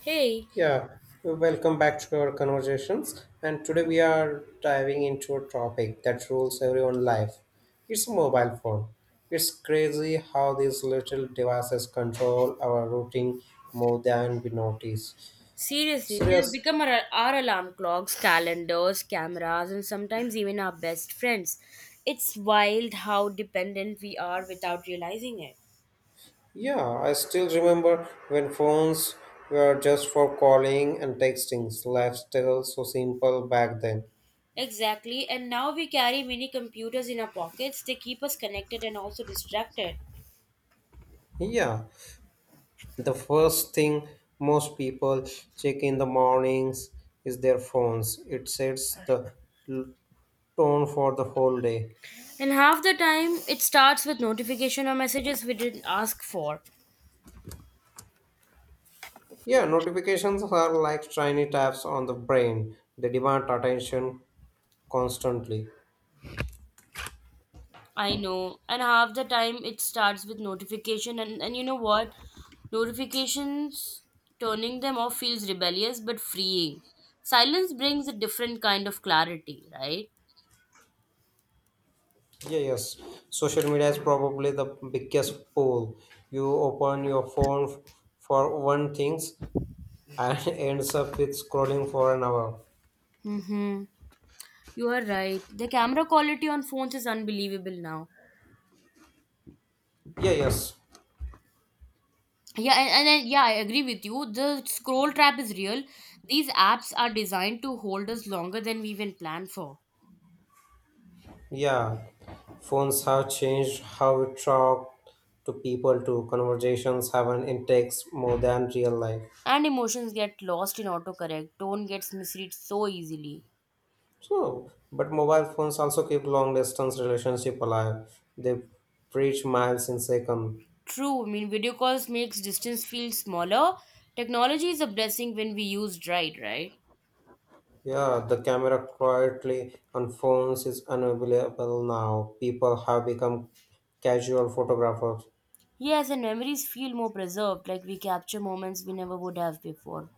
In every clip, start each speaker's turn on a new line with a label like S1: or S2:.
S1: Hey,
S2: Yeah, welcome back to our conversations. And today we are diving into a topic that rules everyone's life. It's a mobile phone. It's crazy how these little devices control our routine more than we notice.
S1: seriously, they've
S2: Serious?
S1: become our alarm clocks, calendars, cameras, and sometimes even our best friends. It's wild how dependent we are without realizing it.
S2: Yeah, I still remember when phones were just for calling and texting. Lifestyle so simple back then.
S1: Exactly, and now we carry mini computers in our pockets. They keep us connected and also distracted.
S2: Yeah, the first thing most people check in the mornings is their phones. It sets the l- tone for the whole day.
S1: And half the time, it starts with notification or messages we didn't ask for.
S2: Yeah, notifications are like shiny taps on the brain. They demand attention constantly.
S1: I know. And half the time it starts with notification and you know what? Notifications turning them off feels rebellious but freeing. Silence brings a different kind of clarity, right?
S2: Yeah, yes. Social media is probably the biggest pool. You open your phone for one things and ends up with scrolling for an hour.
S1: Mm-hmm. You are right. The camera quality on phones is unbelievable now.
S2: Yeah, yes.
S1: Yeah, I agree with you. The scroll trap is real. These apps are designed to hold us longer than we even planned for.
S2: Yeah, phones have changed how we talk to people too. Conversations have an index more than real life.
S1: And emotions get lost in autocorrect. Tone gets misread so easily.
S2: So, but mobile phones also keep long distance relationship alive. They preach miles in second.
S1: True, I mean video calls makes distance feel smaller. Technology is a blessing when we used right, right?
S2: Yeah, the camera quietly on phones is unavailable now. People have become casual photographers.
S1: Yes, and memories feel more preserved, like we capture moments we never would have before.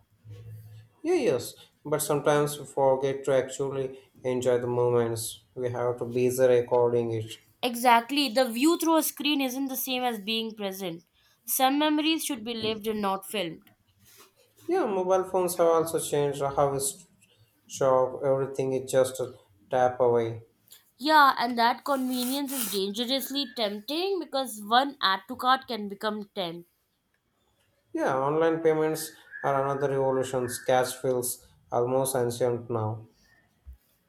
S2: Yeah, yes, but sometimes we forget to actually enjoy the moments. We have to busy recording it.
S1: Exactly, the view through a screen isn't the same as being present. Some memories should be lived and not filmed.
S2: Yeah, mobile phones have also changed how we shop. Everything is just a tap away.
S1: Yeah, and that convenience is dangerously tempting because one add to cart can become 10.
S2: Yeah, online payments are another revolution. Cash feels almost ancient now.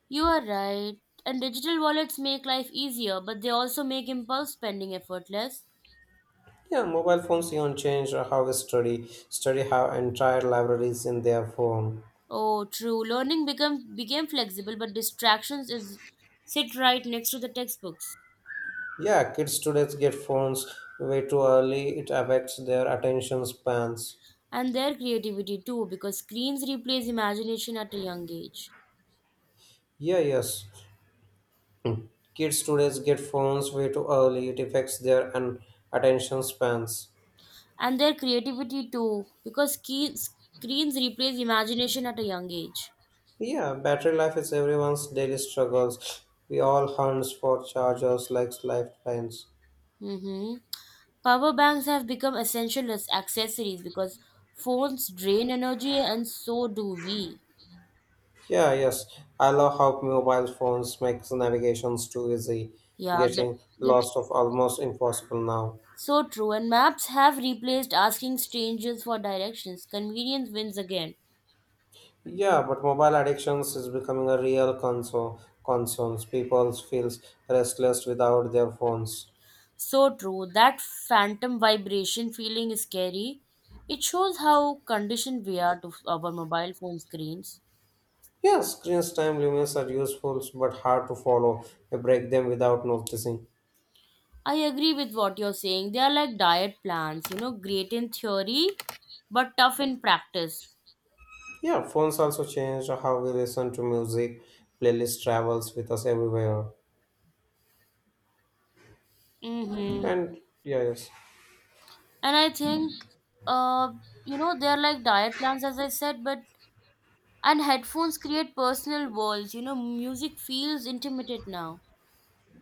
S1: You are right. And digital wallets make life easier, but they also make impulse spending effortless.
S2: Yeah, mobile phones even changed how we study. Study have entire libraries in their phone.
S1: Oh, true. Learning become became flexible, but distractions is sit right next to the textbooks
S2: Yeah, kids today get phones way too early. It affects their attention spans.
S1: and their creativity too, because screens replace imagination at a young age,
S2: Yeah, yes. Kids today get phones way too early. It affects their an attention spans.
S1: and their creativity too, because screens replace imagination at a young age.
S2: Yeah, battery life is everyone's daily struggles. We all hunt for chargers like lifelines.
S1: Mm-hmm. Power banks have become essential as accessories because phones drain energy, and so do we.
S2: Yeah, yes, I love how mobile phones makes navigations too easy,
S1: Yeah,
S2: getting
S1: get
S2: lost of almost impossible now.
S1: so true, and maps have replaced asking strangers for directions. Convenience wins again.
S2: Yeah, but mobile addictions is becoming a real concern. Concerns people feels restless without their phones.
S1: So true, that phantom vibration feeling is scary. It shows how conditioned we are to our mobile phone screens.
S2: Yes, screen time limits are useful but hard to follow. We break them without noticing.
S1: I agree with what you're saying. They are like diet plans, great in theory, but tough in practice.
S2: Yeah, phones also changed how we listen to music. Playlist travels with us everywhere.
S1: Mm-hmm.
S2: And yeah, yes.
S1: And I think, uh, they're like diet plans, as I said, but And headphones create personal worlds. You know, music feels intimate now.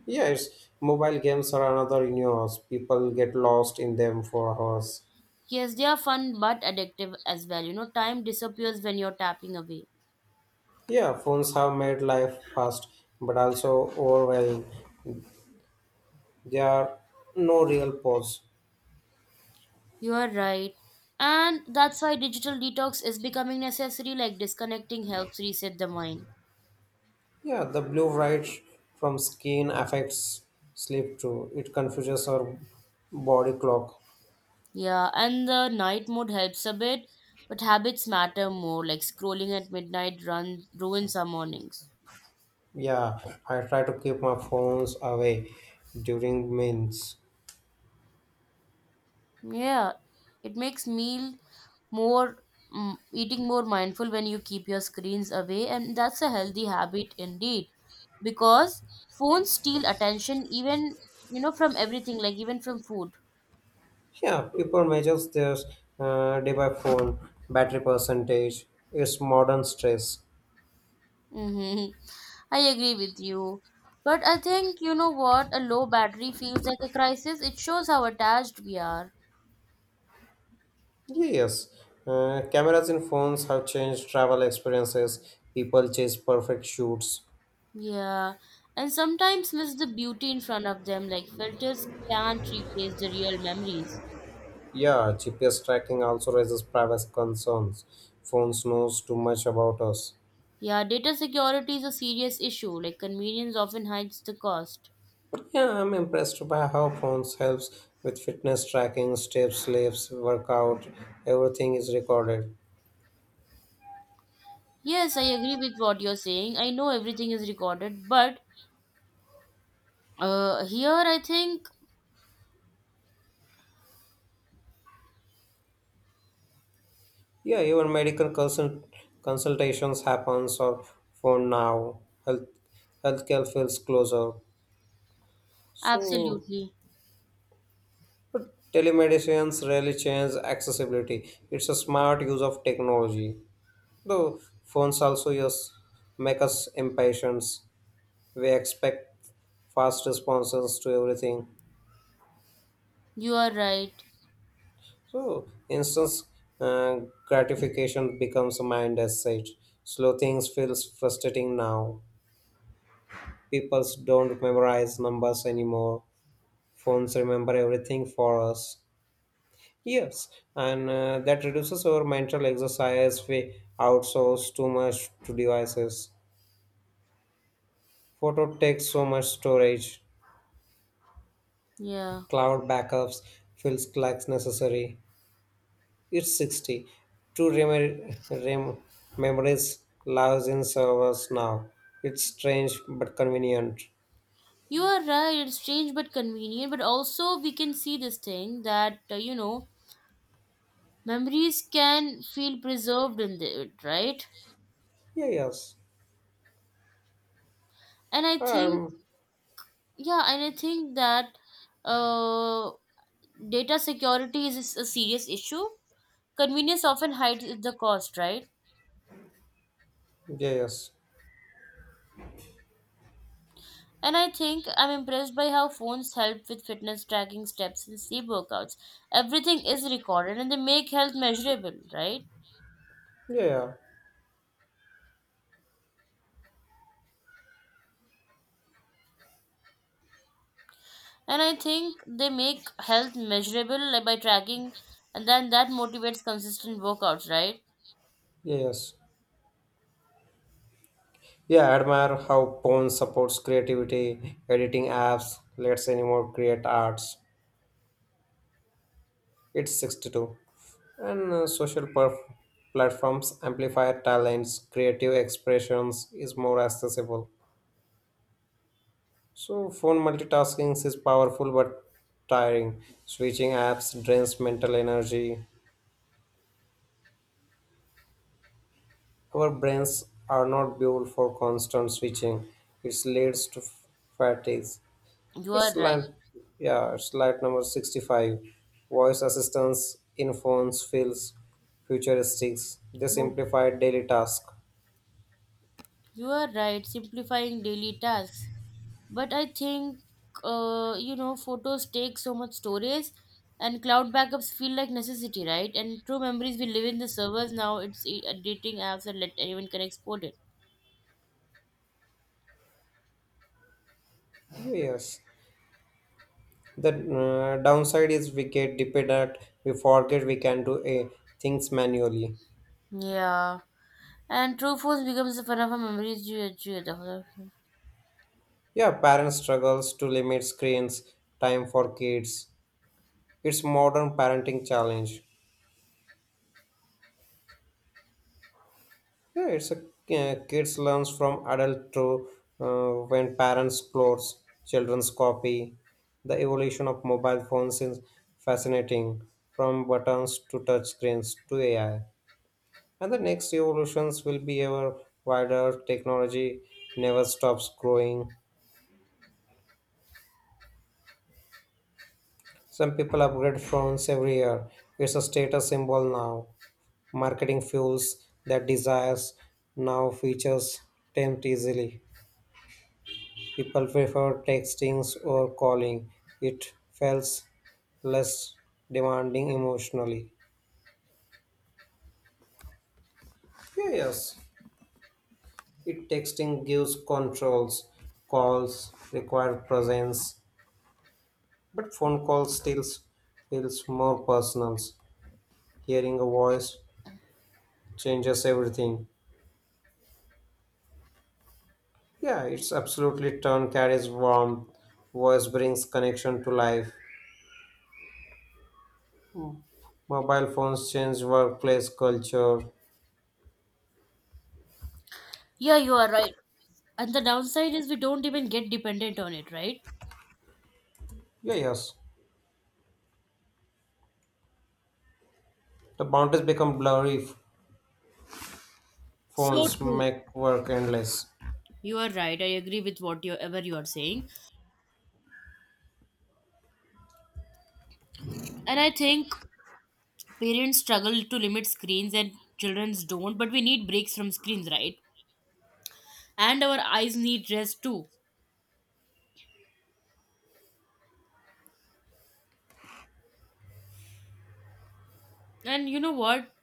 S2: Yes, mobile games are another universe. People get lost in them for hours.
S1: Yes, they are fun but addictive as well. You know, time disappears when you're tapping away.
S2: Yeah, phones have made life fast but also overwhelming. There are no real pause.
S1: You are right. And that's why digital detox is becoming necessary, like disconnecting helps reset the mind.
S2: Yeah, the blue light from screen affects sleep too. It confuses our body clock.
S1: Yeah, and the night mode helps a bit, but habits matter more, like scrolling at midnight run ruins our mornings.
S2: Yeah, I try to keep my phones away during meals.
S1: Yeah, it makes more eating more mindful when you keep your screens away, and that's a healthy habit indeed. Because phones steal attention even from everything, like even from food.
S2: Yeah, people measures their day by phone, battery percentage, its modern stress.
S1: Hmm. I agree with you. But I think you know what? A low battery feels like a crisis. It shows how attached we are.
S2: Yes, cameras in phones have changed travel experiences. People chase perfect shoots.
S1: Yeah, and sometimes miss the beauty in front of them, like filters can't replace the real memories.
S2: Yeah, GPS tracking also raises privacy concerns. Phones knows too much about us.
S1: Yeah, data security is a serious issue. Like convenience often hides the cost.
S2: Yeah, I'm impressed by how phones helps with fitness tracking, steps, lifts, workout, everything is recorded.
S1: Yes, I agree with what you're saying. I know everything is recorded, but here I think
S2: Yeah, even medical consultations happens or phone now. Health healthcare feels closer. So,
S1: absolutely,
S2: but telemedicines rarely change accessibility. It's a smart use of technology. Though phones also use make us impatient. We expect fast responses to everything.
S1: you are right.
S2: So, Instance uh, gratification becomes a mind asset. Slow things feels frustrating now. People don't memorize numbers anymore. Phones remember everything for us. Yes, and that reduces our mental exercise. We outsource too much to devices. Photo takes so much storage.
S1: Yeah,
S2: Cloud backups feels like necessary. It's 60. True memories lives in servers now. It's strange but convenient.
S1: you are right. It's strange but convenient. But also we can see this thing that memories can feel preserved in it, right?
S2: Yeah, yes.
S1: And I think,
S2: Um,
S1: yeah, and I think that uh, data security is a serious issue. Convenience often hides the cost, right?
S2: yeah, yes.
S1: And I think I'm impressed by how phones help with fitness tracking steps and sleep workouts. Everything is recorded and they make health measurable, right?
S2: Yeah, yeah.
S1: And I think they make health measurable, like, by tracking, and then that motivates consistent workouts, right?
S2: Yeah, yes. Yeah, I admire how Pwn supports creativity, editing apps, lets anyone create arts. It's 62. And social platforms amplify talents, creative expressions is more accessible. So, phone multitasking is powerful but tiring. Switching apps drains mental energy. Our brains are not built for constant switching. It leads to fatigue.
S1: You are
S2: It's
S1: right.
S2: line, yeah, it's slide number 65. Voice assistants in phones feels futuristic. They
S1: You,
S2: simplify daily tasks.
S1: you are right. Simplifying daily tasks. But I think photos take so much storage and cloud backups feel like necessity, right? And true memories we live in the servers now. It's dating apps and let anyone can export it.
S2: Yes. The downside is we get dependent. We forget we can do a, things manually.
S1: Yeah, and true force becomes the fun of our memories.
S2: Yeah, parents struggles to limit screens time for kids. It's modern parenting challenge. Yeah, it's a kids learns from adult to when parents clothes, children's copy. The evolution of mobile phones is fascinating, from buttons to touch screens to AI. And the next evolutions will be ever wider. Technology never stops growing. Some people upgrade phones every year. It's a status symbol now. Marketing fuels that desires now features tempt easily. People prefer texting or calling. It feels less demanding emotionally. Yeah, yes. It texting gives controls. Calls require presence, but phone calls still feels more personal. Hearing a voice changes everything. Yeah, it's absolutely turn carries warmth. Voice brings connection to life. Mobile phones change workplace culture.
S1: Yeah, you are right. And the downside is we don't even get dependent on it, right?
S2: Yeah, yes. The boundaries become blurry.
S1: So
S2: Phones
S1: true.
S2: make work endless.
S1: You are right. I agree with what you ever you are saying. And I think parents struggle to limit screens and children's don't. But we need breaks from screens, right? And our eyes need rest too. And you know what,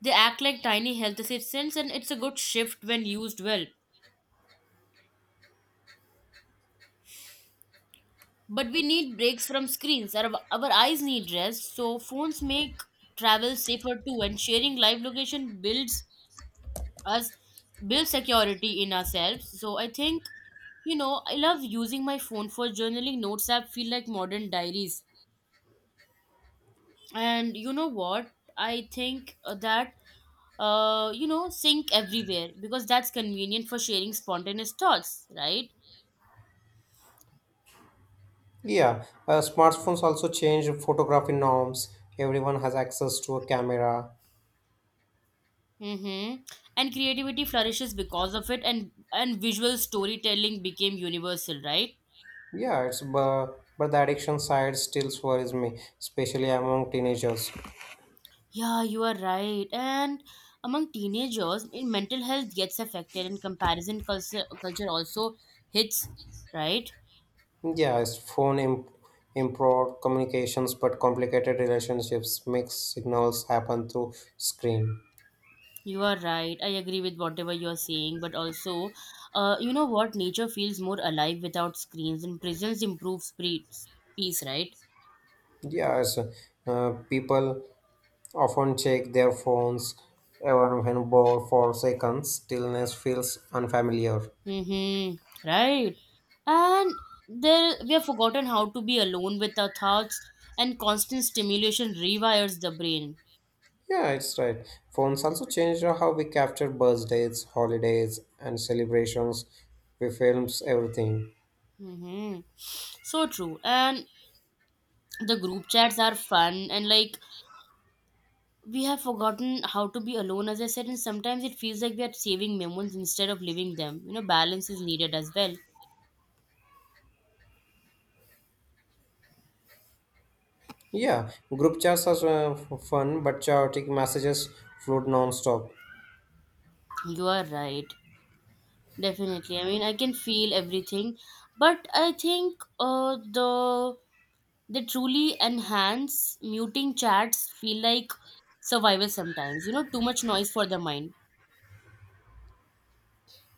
S1: they act like tiny health assistants, and it's a good shift when used well. But we need breaks from screens. Our eyes need rest, so phones make travel safer too. And sharing live location us builds security in ourselves. So I think, you know, I love using my phone for journaling. Notes app feel like modern diaries. And you know what, I think that sync everywhere because that's convenient for sharing spontaneous thoughts, right?
S2: Yeah, smartphones also change photography norms. Everyone has access to a camera.
S1: Mm-hmm. And creativity flourishes because of it, and visual storytelling became universal, right?
S2: Yeah, it's but the addiction side still worries me, especially among teenagers.
S1: Yeah, you are right. And among teenagers in mental health gets affected, and comparison culture also hits, right?
S2: Yeah, it's phone improved communications, but complicated relationships. Mixed signals happen through screen.
S1: You are right. I agree with whatever you are saying, but also, you know what? Nature feels more alive without screens, and presence improves peace, right?
S2: Yes, people often check their phones even when bored for seconds. Stillness feels unfamiliar.
S1: Mm-hmm. Right. And there we have forgotten how to be alone with our thoughts, and constant stimulation rewires the brain.
S2: Yeah, it's right. Phones also changed how we capture birthdays, holidays, and celebrations. We films everything.
S1: Mm-hmm. So true. And the group chats are fun, and like we have forgotten how to be alone, as I said. And sometimes it feels like we are saving memories instead of living them. You know, balance is needed as well.
S2: Yeah, group chats are fun, but chaotic messages flood non-stop.
S1: You are right. Definitely, I mean, I can feel everything. But I think the truly enhance muting chats feel like survival sometimes. You know, too much noise for the mind.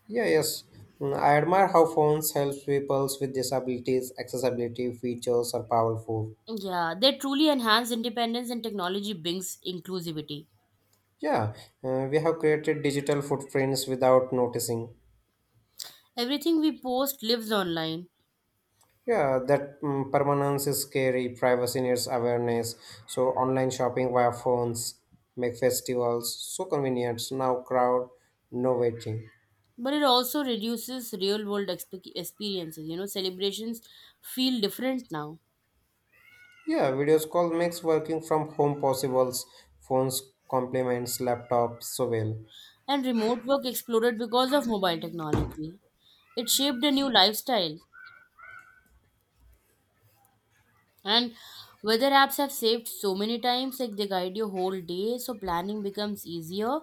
S2: Yeah, yes. Mm, I admire how phones helps people with disabilities. Accessibility features are powerful.
S1: Yeah, they truly enhance independence, and technology brings inclusivity.
S2: Yeah, we have created digital footprints without noticing.
S1: Everything we post lives online.
S2: Yeah, that mm, permanence is scary. Privacy needs awareness. So online shopping via phones make festivals so convenient. Now crowd, no waiting.
S1: But it also reduces real world experiences. You know, celebrations feel different now.
S2: Yeah, videos call makes working from home possibles. Phones complements laptops so well.
S1: And remote work exploded because of mobile technology. It shaped a new lifestyle. And weather apps have saved so many times, like they guide your whole day, so planning becomes easier.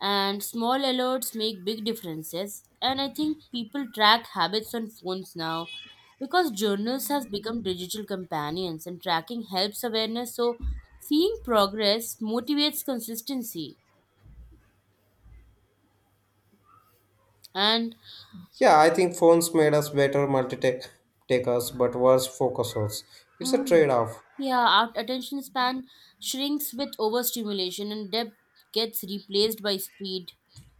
S1: And small alerts make big differences. And I think people track habits on phones now because journals has become digital companions and tracking helps awareness. So seeing progress motivates consistency. And
S2: Yeah, I think phones made us better multitakers but worse focusers. It's a
S1: mm,
S2: trade-off.
S1: yeah, our attention span shrinks with overstimulation, and depth gets replaced by speed.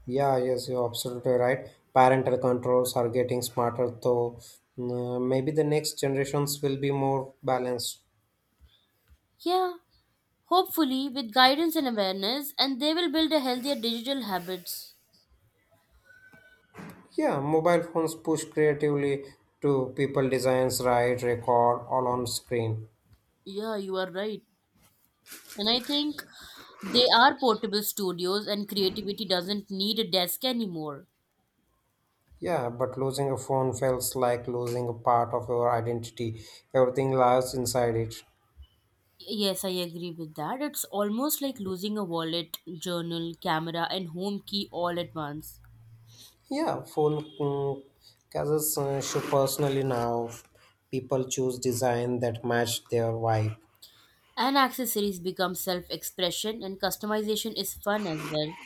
S2: Yeah, yes, you're absolutely right. Parental controls are getting smarter, though mm, maybe the next generations will be more balanced.
S1: Yeah. Hopefully, with guidance and awareness, and they will build a healthier digital habits.
S2: Yeah, mobile phones push creatively to people designs, write, record, all on screen.
S1: Yeah, you are right. And I think they are portable studios, and creativity doesn't need a desk anymore.
S2: Yeah, but losing a phone feels like losing a part of your identity. Everything lies inside it.
S1: Yes, I agree with that. It's almost like losing a wallet, journal, camera, and home key all at once.
S2: Yeah, phone mm, cases show personally now. People choose design that match their vibe.
S1: And accessories become self expression, and customization is fun as well.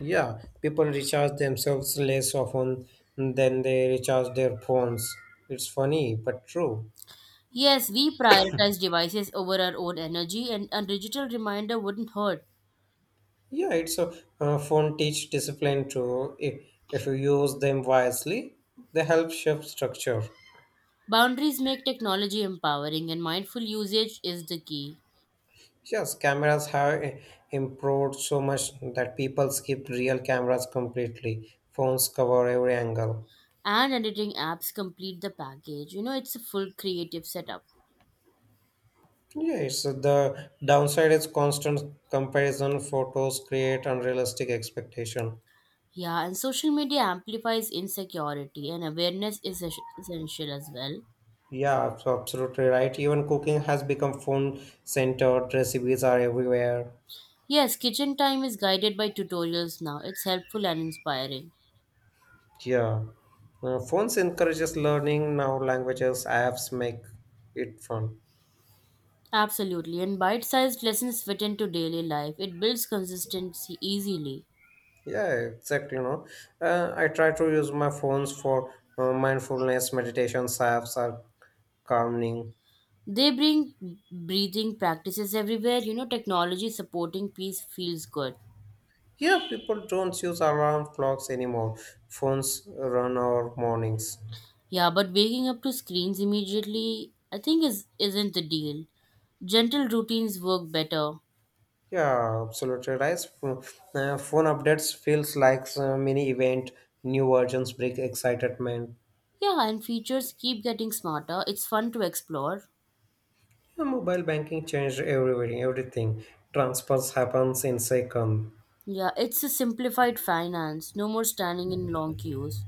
S2: Yeah, people recharge themselves less often than they recharge their phones. It's funny, but true.
S1: Yes, we prioritize devices over our own energy, and a digital reminder wouldn't hurt.
S2: Yeah, it's a phone teach discipline too. If you use them wisely, they help shape structure.
S1: Boundaries make technology empowering, and mindful usage is the key.
S2: Yes, cameras have improved so much that people skip real cameras completely. Phones cover every angle.
S1: And editing apps complete the package. You know, it's a full creative setup.
S2: Yeah, it's the downside is constant comparison. Photos create unrealistic expectation.
S1: Yeah, and social media amplifies insecurity, and awareness is essential as well.
S2: Yeah, absolutely right. Even cooking has become phone centered. Recipes are everywhere.
S1: Yes, kitchen time is guided by tutorials now. It's helpful and inspiring.
S2: Yeah. Phones encourages learning now languages apps make it fun.
S1: Absolutely, and bite sized lessons fit into daily life. It builds consistency easily.
S2: Yeah, exactly, you know. I try to use my phones for mindfulness meditation apps are calming.
S1: They bring breathing practices everywhere. You know, technology supporting peace feels good.
S2: Yeah, people don't use alarm clocks anymore. Phones run our mornings.
S1: Yeah, but waking up to screens immediately, I think is isn't the deal. Gentle routines work better.
S2: Yeah, absolutely right. Phone updates feels like so mini event. New versions bring excitement.
S1: Yeah, and features keep getting smarter. It's fun to explore.
S2: Yeah, mobile banking changed everything. Everything transfers happens in second.
S1: Yeah, it's a simplified finance. No more standing in long queues.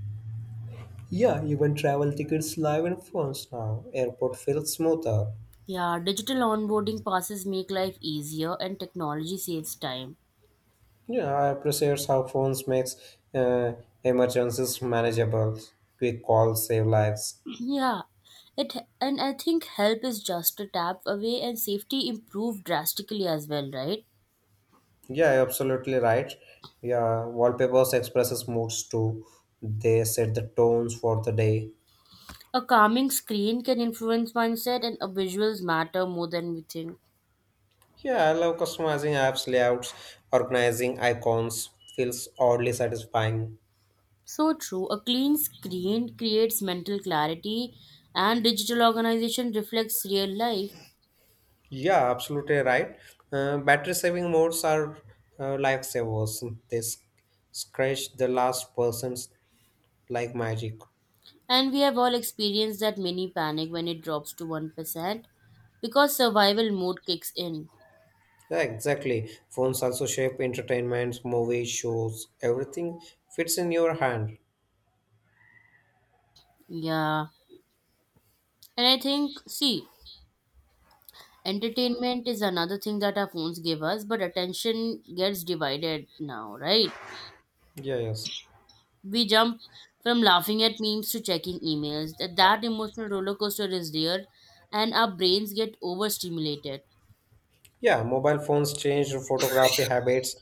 S2: Yeah, even travel tickets live in phones now. Airport feels smoother.
S1: Yeah, digital onboarding passes make life easier and technology saves time.
S2: Yeah, I appreciate how phones makes uh, emergencies manageable. Quick calls save lives.
S1: Yeah. It and I think help is just a tap away and safety improved drastically as well, right?
S2: Yeah, you're absolutely right. Yeah, wallpapers expresses moods too. They set the tones for the day.
S1: A calming screen can influence mindset, and our visuals matter more than we think.
S2: Yeah, I love customizing apps layouts, organizing icons. Feels oddly satisfying.
S1: So true. A clean screen creates mental clarity, and digital organization reflects real life.
S2: Yeah, absolutely right. Battery saving modes are lifesavers. They scratch the last person's like magic.
S1: And we have all experienced that mini panic when it drops to 1% because survival mode kicks in.
S2: Yeah, exactly. Phones also shape entertainments, movies, shows. Everything fits in your hand.
S1: Yeah. And I think, see, entertainment is another thing that our phones give us, but attention gets divided now, right?
S2: Yeah, yes.
S1: We jump from laughing at memes to checking emails. That emotional roller coaster is real, and our brains get overstimulated.
S2: Yeah, mobile phones changed photography habits.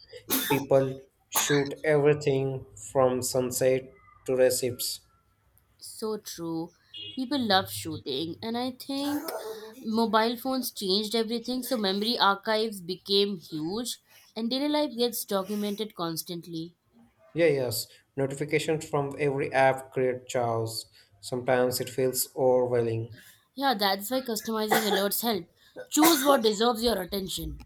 S2: People shoot everything from sunset to recipes.
S1: So true. People love shooting, and I think mobile phones changed everything. So, memory archives became huge, and daily life gets documented constantly.
S2: Yeah, yes. Notifications from every app create chaos. Sometimes it feels overwhelming.
S1: Yeah, that's why customizing alerts help. Choose what deserves your attention.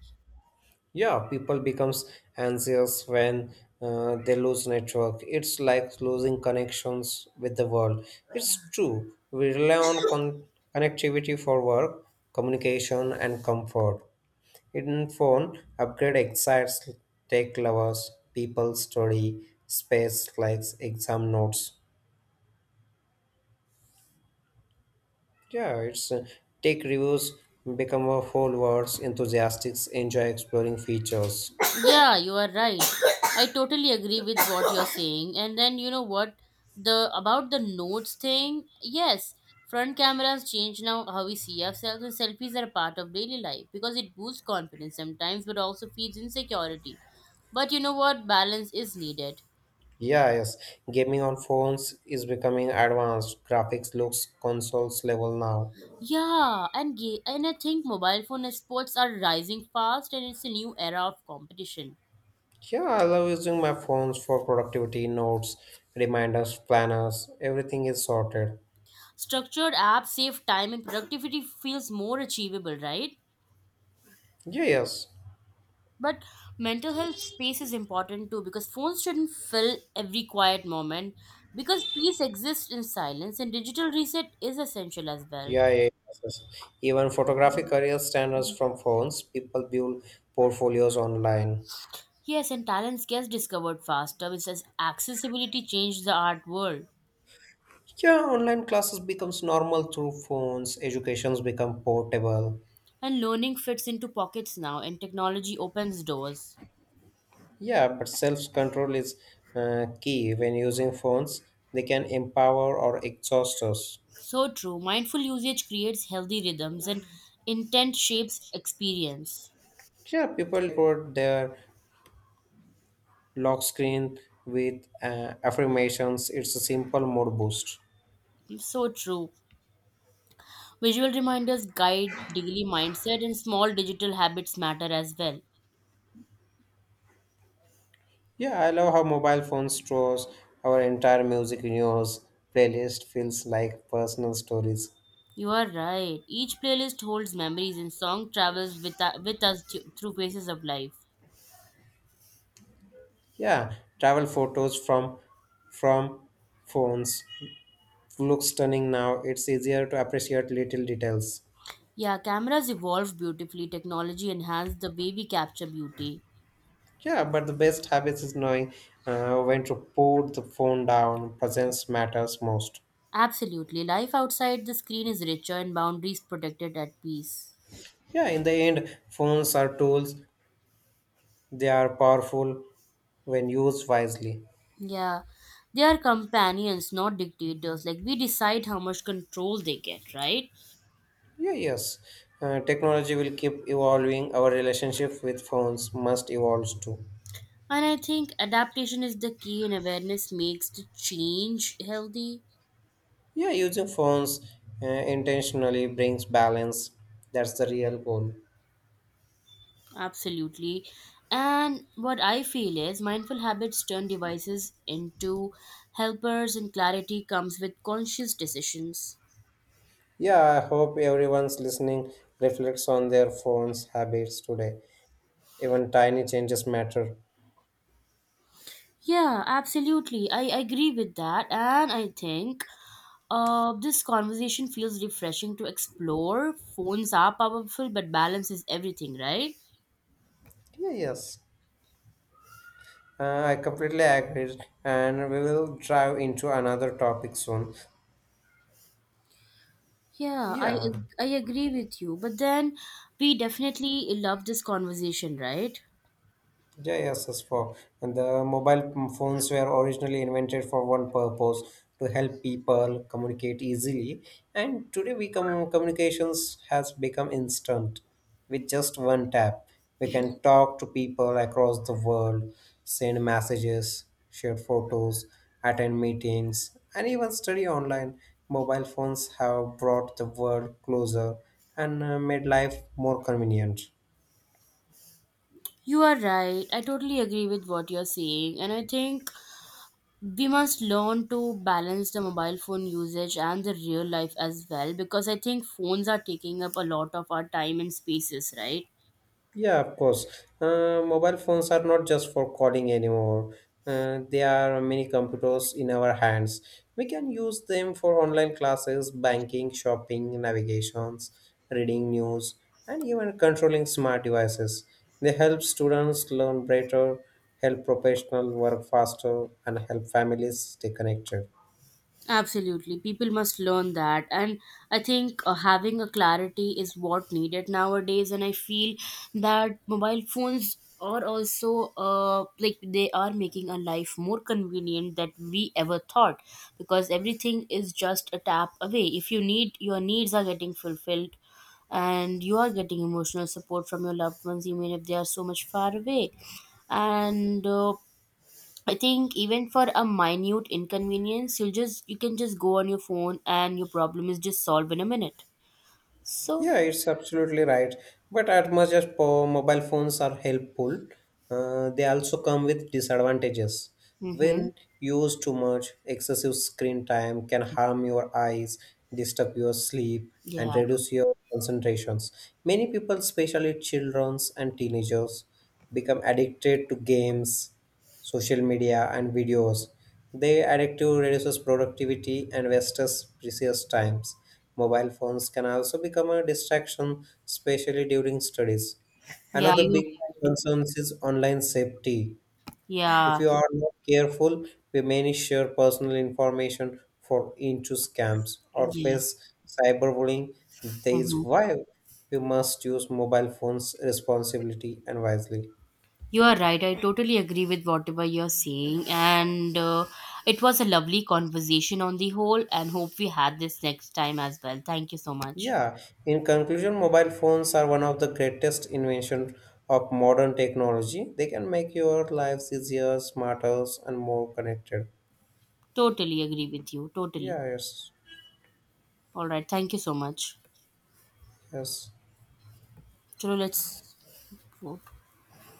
S2: Yeah, people becomes anxious when they lose network. It's like losing connections with the world. It's true, we rely on connectivity for work, communication and comfort in phone upgrade excites tech lovers. People study space like exam notes. Yeah, it's tech reviews become a whole world's enthusiasts enjoy exploring features.
S1: Yeah, you are right. I totally agree with what you're saying. And then, you know what, the about the notes thing? Yes, front cameras change now how we see ourselves, and selfies are a part of daily life because it boosts confidence sometimes but also feeds insecurity. But you know what, balance is needed.
S2: Yeah, yes. Gaming on phones is becoming advanced. Graphics looks consoles level now.
S1: Yeah, and I think mobile phone sports are rising fast, and it's a new era of competition.
S2: Yeah, I love using my phones for productivity, notes, reminders, planners. Everything is sorted.
S1: Structured apps save time and productivity feels more achievable, right?
S2: Yeah, yes.
S1: But mental health space is important too because phones shouldn't fill every quiet moment because peace exists in silence and digital reset is essential as well.
S2: Yeah, yeah, yes, yes. Even photographic career standards from phones. People build portfolios online.
S1: Yes, and talents gets discovered faster, which because accessibility changed the art world.
S2: Yeah, online classes becomes normal through phones. Educations become portable.
S1: And learning fits into pockets now, and technology opens doors.
S2: Yeah, but self-control is key when using phones. They can empower or exhaust us.
S1: So true. Mindful usage creates healthy rhythms, and intent shapes experience.
S2: Yeah, people record their lock screen with affirmations. It's a simple mood boost.
S1: So true. Visual reminders guide daily mindset, and small digital habits matter as well.
S2: Yeah, I love how mobile phone stores our entire music universe. Playlist feels like personal stories.
S1: You are right. Each playlist holds memories, and song travels with us through phases of life.
S2: Yeah, travel photos from phones look stunning now. It's easier to appreciate little details.
S1: Yeah, cameras evolved beautifully. Technology enhanced the way we capture beauty.
S2: Yeah, but the best habits is knowing when to put the phone down. Presence matters most.
S1: Absolutely. Life outside the screen is richer, and boundaries protected at peace.
S2: Yeah, in the end, phones are tools. They are powerful when used wisely.
S1: Yeah. They are companions, not dictators. Like, we decide how much control they get, right?
S2: Yeah, yes. Technology will keep evolving. Our relationship with phones must evolve too.
S1: And I think adaptation is the key, and awareness makes the change healthy.
S2: Yeah, using phones intentionally brings balance. That's the real goal.
S1: Absolutely. And what I feel is mindful habits turn devices into helpers, and clarity comes with conscious decisions.
S2: Yeah, I hope everyone's listening reflects on their phones habits today. Even tiny changes matter.
S1: Yeah, absolutely. I agree with that. And I think this conversation feels refreshing to explore. Phones are powerful, but balance is everything, right?
S2: Yeah, yes, I completely agree, and we will drive into another topic soon.
S1: Yeah, I
S2: Yeah,
S1: ag- I agree with you. But then we definitely love this conversation, right?
S2: yeah, yes, yes, for and the mobile phones were originally invented for one purpose, to help people communicate easily. And today, we communications has become instant. With just one tap, we can talk to people across the world, send messages, share photos, attend meetings, and even study online. Mobile phones have brought the world closer and made life more convenient.
S1: You are right. I totally agree with what you're saying, and I think we must learn to balance the mobile phone usage and the real life as well because I think phones are taking up a lot of our time and spaces, right?
S2: Yeah, of course. Mobile phones are not just for calling anymore. They are mini computers in our hands. We can use them for online classes, banking, shopping, navigations, reading news, and even controlling smart devices. They help students learn better, help professionals work faster, and help families stay connected.
S1: Absolutely. People must learn that. And I think, having a clarity is what needed nowadays. And I feel that mobile phones are also, like they are making our life more convenient that we ever thought because everything is just a tap away. If you need, your needs are getting fulfilled and you are getting emotional support from your loved ones, even if they are so much far away. And I think even for a minute inconvenience, you can just go on your phone and your problem is just solved in a minute. So,
S2: Yeah, it's absolutely right. But as much as mobile phones are helpful, they also come with disadvantages.
S1: mm-hmm.
S2: When used too much, excessive screen time can harm your eyes, disturb your sleep, and
S1: Yeah,
S2: reduce your concentrations. Many people, especially children and teenagers, become addicted to games, social media, and videos. They addictive reduces productivity and wastes precious times. Mobile phones can also become a distraction, especially during studies.
S1: yeah,
S2: Another
S1: you're
S2: big
S1: right.
S2: concern is online safety. If
S1: Yeah,
S2: you are not careful, we may share personal information for into scams or
S1: yeah.
S2: face cyberbullying. That is
S1: Mm-hmm.
S2: why we must use mobile phones responsibly and wisely.
S1: You are right. I totally agree with whatever you're saying, and it was a lovely conversation on the whole. And hope we had this next time as well. Thank you so much.
S2: Yeah, in conclusion, mobile phones are one of the greatest inventions of modern technology. They can make your lives easier, smarter, and more connected.
S1: Totally agree with you. Totally.
S2: Yeah, yes,
S1: All right. Thank you so much.
S2: yes.
S1: So let's go.